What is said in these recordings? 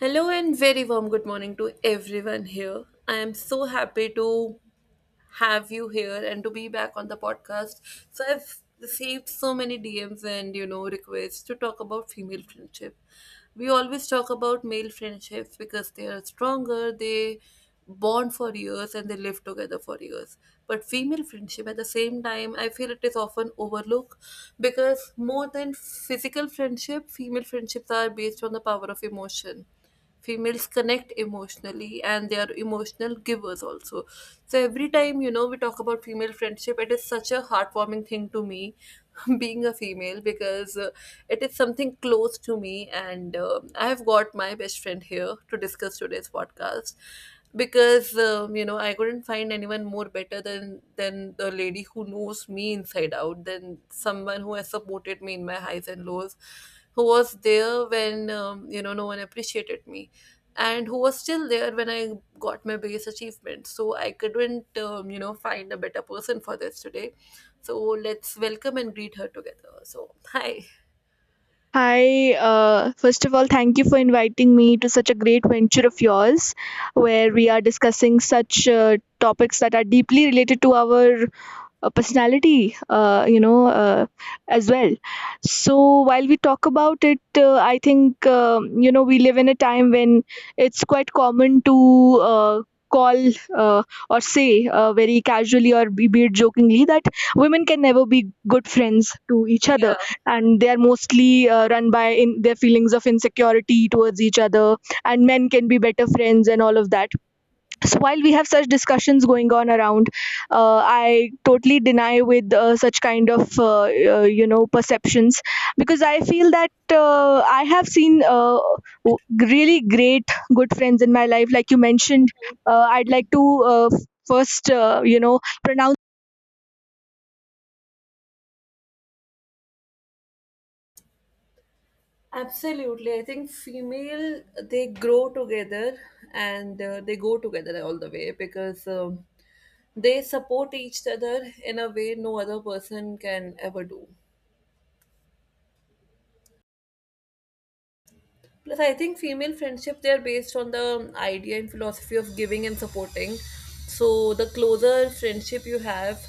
Hello and very warm good morning to everyone here. I am so happy to have you here and to be back on the podcast. So I've received so many DMs and requests to talk about female friendship. We always talk about male friendships because they are stronger, they bond for years and they live together for years. But female friendship at the same time, I feel it is often overlooked because more than physical friendship, female friendships are based on the power of emotion. Females connect emotionally and they are emotional givers also. So every time we talk about female friendship, it is such a heartwarming thing to me being a female because it is something close to me, and I have got my best friend here to discuss today's podcast because I couldn't find anyone more better than the lady who knows me inside out, than someone who has supported me in my highs and lows, who was there when no one appreciated me, and who was still there when I got my biggest achievement. So I couldn't find a better person for this today. So let's welcome and greet her together. So hi. Hi, first of all, thank you for inviting me to such a great venture of yours where we are discussing such topics that are deeply related to our personality, as well. So while we talk about it, I think, we live in a time when it's quite common to uh, call, uh, or say, very casually or be it jokingly, that women can never be good friends to each other, Yeah, and they are mostly run by in their feelings of insecurity towards each other, and men can be better friends and all of that. So while we have such discussions going on around, I totally deny with such kind of perceptions, because I feel that, I have seen really great good friends in my life. Like you mentioned, I'd like to uh, first pronounce absolutely, I think female they grow together and they go together all the way because they support each other in a way no other person can ever do. Plus, I think female friendship they are based on the idea and philosophy of giving and supporting. So the closer friendship you have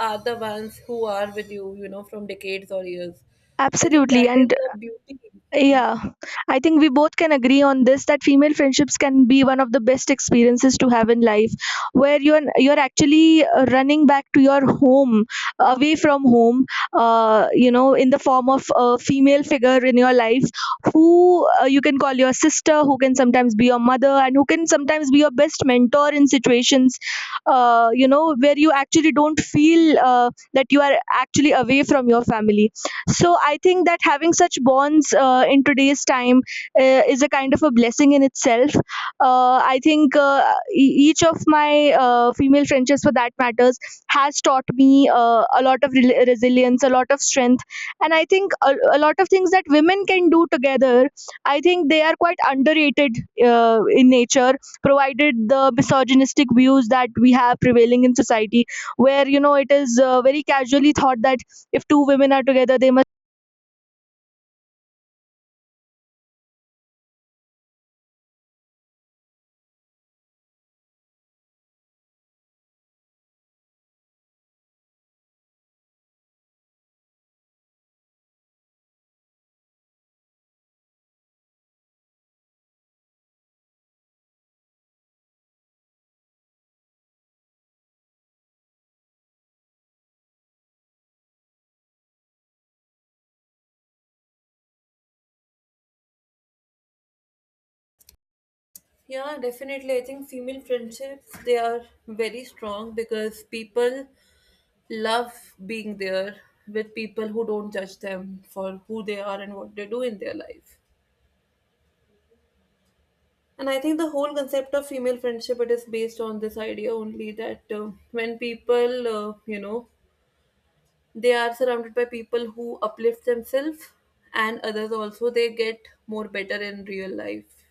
are the ones who are with you, you know, from decades or years. So I think absolutely. that is And the beauty. Yeah. yeah, I think we both can agree on this, that female friendships can be one of the best experiences to have in life, where you're actually running back to your home, away from home, you know, in the form of a female figure in your life who, you can call your sister, who can sometimes be your mother, and who can sometimes be your best mentor in situations, you know, where you actually don't feel that you are actually away from your family. So I think that having such bonds in today's time is a kind of a blessing in itself. I think each of my female friendships, for that matters, has taught me a lot of rel resilience, a lot of strength, and I think a lot of things that women can do together. I think they are quite underrated in nature, provided the misogynistic views that we have prevailing in society, where you know it is very casually thought that if two women are together, they Yeah, definitely. I think female friendships they are very strong because people love being there with people who don't judge them for who they are and what they do in their life. And I think the whole concept of female friendship it is based on this idea only that when people they are surrounded by people who uplift themselves and others also, they get more better in real life.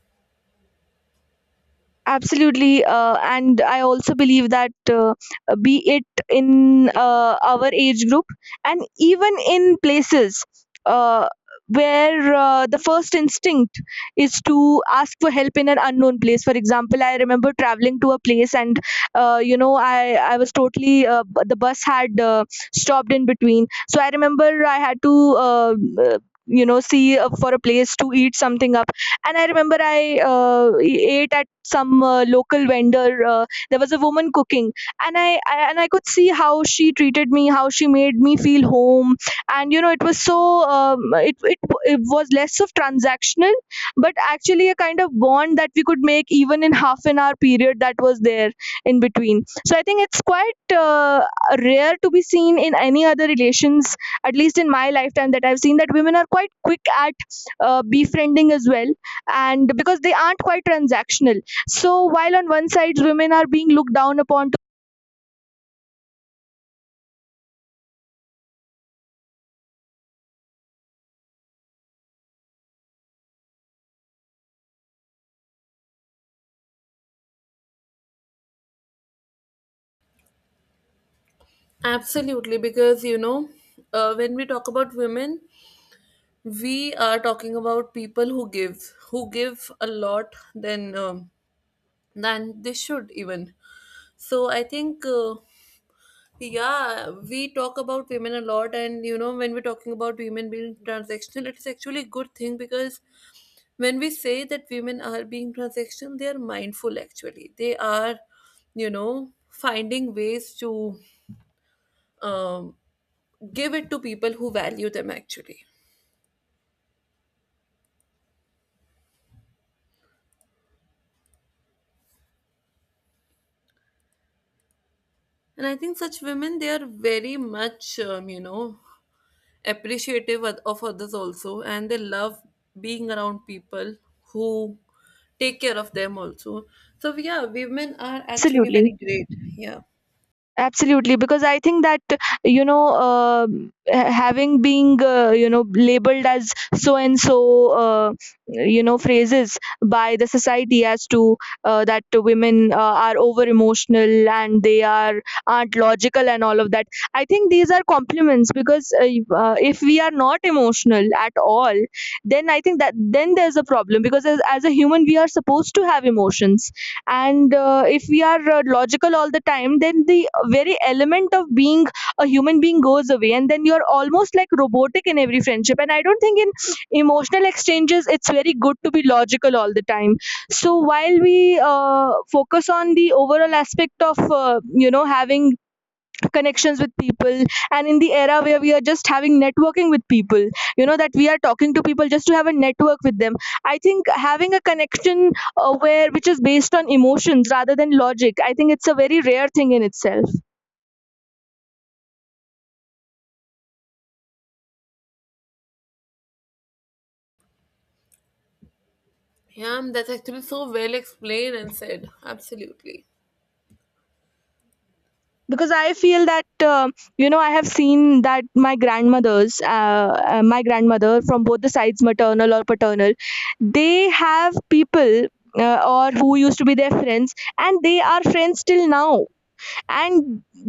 absolutely. And I also believe that, be it in our age group and even in places, uh, where the first instinct is to ask for help in an unknown place. For example, I remember traveling to a place, and I was totally the bus had stopped in between. So I remember I had to uh, uh, see for a place to eat something up, and I remember I ate at some local vendor. There was a woman cooking, and I could see how she treated me, how she made me feel home, and you know it was so um, it, it it was less of transactional, but actually a kind of bond that we could make even in half an hour period that was there in between. So I think it's quite rare to be seen in any other relations, at least in my lifetime, that I've seen that women are quite quick at befriending as well, and because they aren't quite transactional. So while on one side women are being looked down upon to Absolutely, because you know, when we talk about women, we are talking about people who give a lot than they should even. So I think yeah, we talk about women a lot, and you know, when we're talking about women being transactional, it's actually a good thing because when we say that women are being transactional, they are mindful actually. They are, you know, finding ways to um, give it to people who value them actually. And I think such women, they are very much, you know, appreciative of others also, and they love being around people who take care of them also. So yeah, women are actually absolutely, very great. Yeah. absolutely. Because I think that you know uh, having being labeled as so and so uh, phrases by the society as to that women are over emotional, and they are aren't logical and all of that, I think these are compliments. Because if we are not emotional at all, then I think that then there's a problem, because as a human we are supposed to have emotions. And if we are logical all the time, then the very element of being a human being goes away, and then you're almost like robotic in every friendship. And I don't think in emotional exchanges it's very good to be logical all the time. So while we focus on the overall aspect of having connections with people, and in the era where we are just having networking with people, you know that we are talking to people just to have a network with them, I think having a connection where which is based on emotions rather than logic, I think it's a very rare thing in itself. Yeah, that's actually so well explained and said. Absolutely. Because I feel that, I have seen that my grandmothers my grandmother from both the sides, maternal or paternal, they have people or who used to be their friends, and they are friends till now. And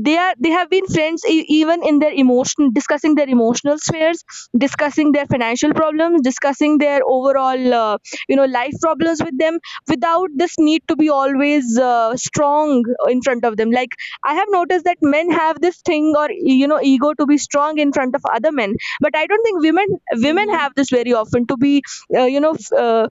they have been friends even in their emotion, discussing their emotional spheres, discussing their financial problems, discussing their overall life problems with them, without this need to be always strong in front of them. Like, I have noticed that men have this thing, or you know, ego to be strong in front of other men, but I don't think women, women Mm-hmm. have this very often to be uh, you know f- uh,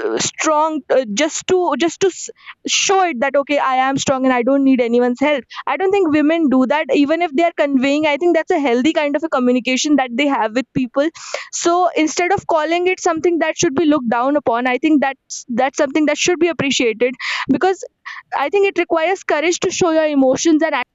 strong just to just to s- show it that okay, I am strong and I don't need anyone's help. I don't think women do that, even if they are conveying. I think that's a healthy kind of a communication that they have with people. So instead of calling it something that should be looked down upon, I think that's something that should be appreciated, because I think it requires courage to show your emotions and act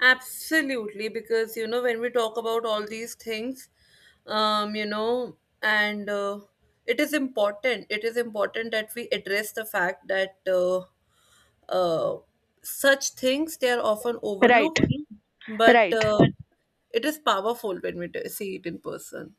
Absolutely, because you know when we talk about all these things, you know, and it is important. It is important that we address the fact that uh, such things they are often right, overlooked, but right. It is powerful when we see it in person.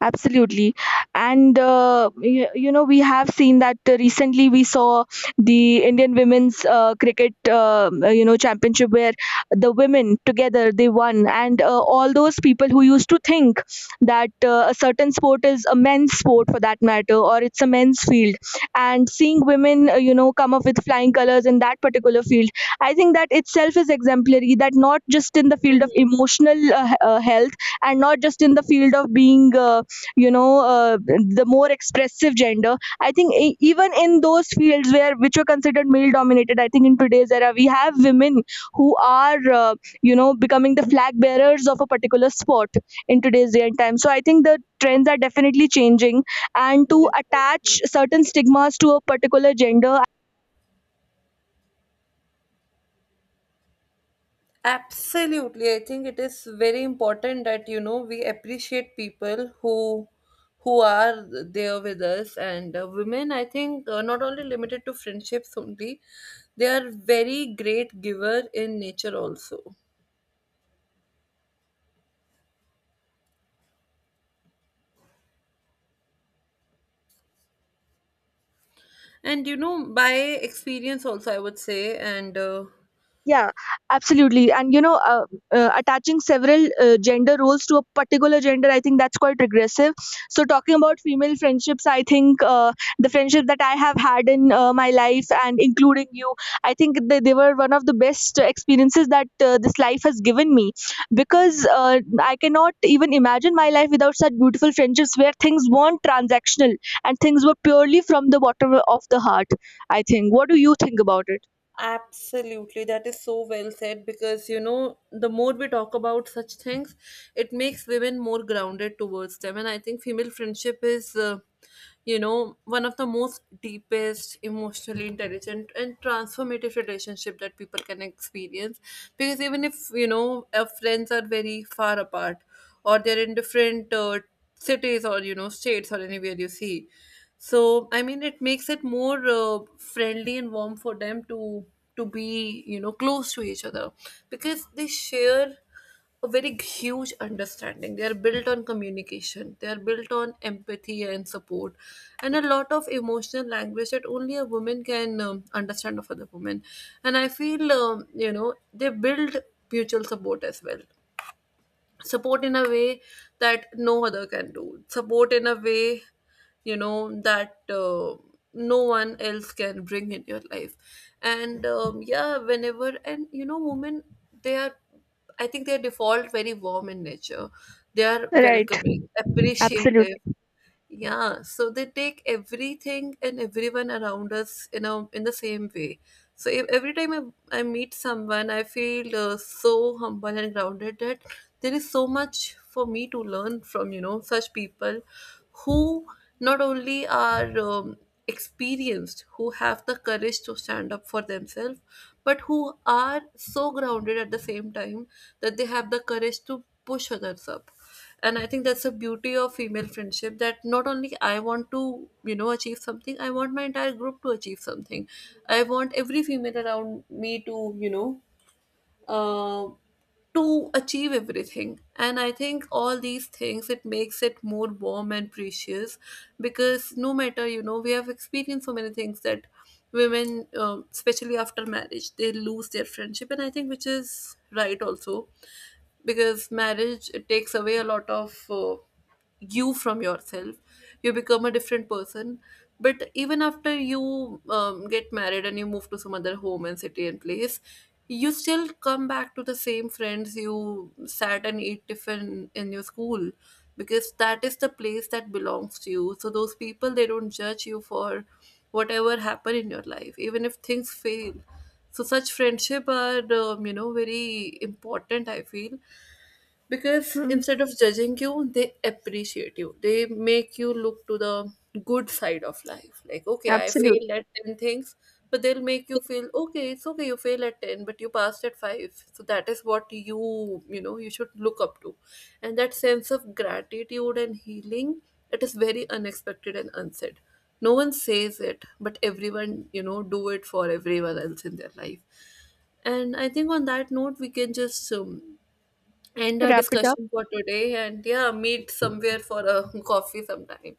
Absolutely. And, you, you know, we have seen that recently we saw the Indian women's cricket, you know, championship, where the women together they won. And all those people who used to think that a certain sport is a men's sport, for that matter, or it's a men's field. And seeing women, you know, come up with flying colors in that particular field, I think that itself is exemplary, that not just in the field of Mm-hmm. emotional health, and not just in the field of being. You know uh, the more expressive gender, I think even in those fields where which were considered male dominated, I think in today's era we have women who are becoming the flag bearers of a particular sport in today's day and time. So I think the trends are definitely changing, and to attach certain stigmas to a particular gender. Absolutely. I think it is very important that, you know, we appreciate people who are there with us, and women I think not only limited to friendships only, they are very great giver in nature also, and you know by experience also I would say, and Yeah, absolutely. And you know, attaching several gender roles to a particular gender, I think that's quite regressive. So, talking about female friendships, I think the friendship that I have had in my life, and including you, I think they were one of the best experiences that this life has given me. Because I cannot even imagine my life without such beautiful friendships, where things weren't transactional and things were purely from the bottom of the heart. I think. What do you think about it? absolutely, that is so well said because you know, the more we talk about such things, it makes women more grounded towards them. And I think female friendship is, you know, one of the most deepest, emotionally intelligent, and transformative relationship that people can experience. Because even if you know, our friends are very far apart or they're in different cities or you know states or anywhere you see. So I mean it makes it more friendly and warm for them to be, you know, close to each other because they share a very huge understanding. They are built on communication, they are built on empathy and support, and a lot of emotional language that only a woman can understand of other women. And I feel they build mutual support as well, support in a way that no other can do, support in a way, you know, that no one else can bring in your life. And yeah, whenever, and you know women, they are, I think they are default very warm in nature, they are Right, welcoming, appreciative. absolutely. Yeah, so they take everything and everyone around us in a in the same way. So every time I meet someone, I feel so humble and grounded that there is so much for me to learn from, you know, such people who not only are experienced, who have the courage to stand up for themselves, but who are so grounded at the same time that they have the courage to push others up. And I think that's the beauty of female friendship, that not only I want to, you know, achieve something, I want my entire group to achieve something, I want every female around me to, you know, uh, to achieve everything. And I think all these things it makes it more warm and precious because no matter, you know, we have experienced so many things that women, especially after marriage, they lose their friendship, and I think which is right also because marriage it takes away a lot of you from yourself, you become a different person. But even after you get married and you move to some other home and city and place, you still come back to the same friends you sat and ate tiffin in your school because that is the place that belongs to you. So those people they don't judge you for whatever happened in your life, even if things fail. So such friendship are very important I feel, because Mhm. instead of judging you, they appreciate you, they make you look to the good side of life, like okay I Absolutely. failed at 10 things, but they'll make you feel okay, it's okay, you fail at 10 but you passed at 5, so that is what you know, you should look up to. And that sense of gratitude and healing, it is very unexpected and unsaid. No one says it but everyone, you know, do it for everyone else in their life. And I think on that note, we can just end our Wrap it up. discussion for today and yeah, meet somewhere for a coffee sometime.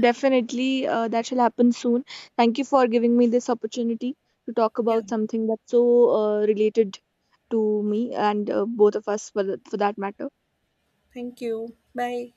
Definitely, that shall happen soon. Thank you for giving me this opportunity to talk Yeah. about something that's so related to me, and both of us for that matter. Thank you. Bye.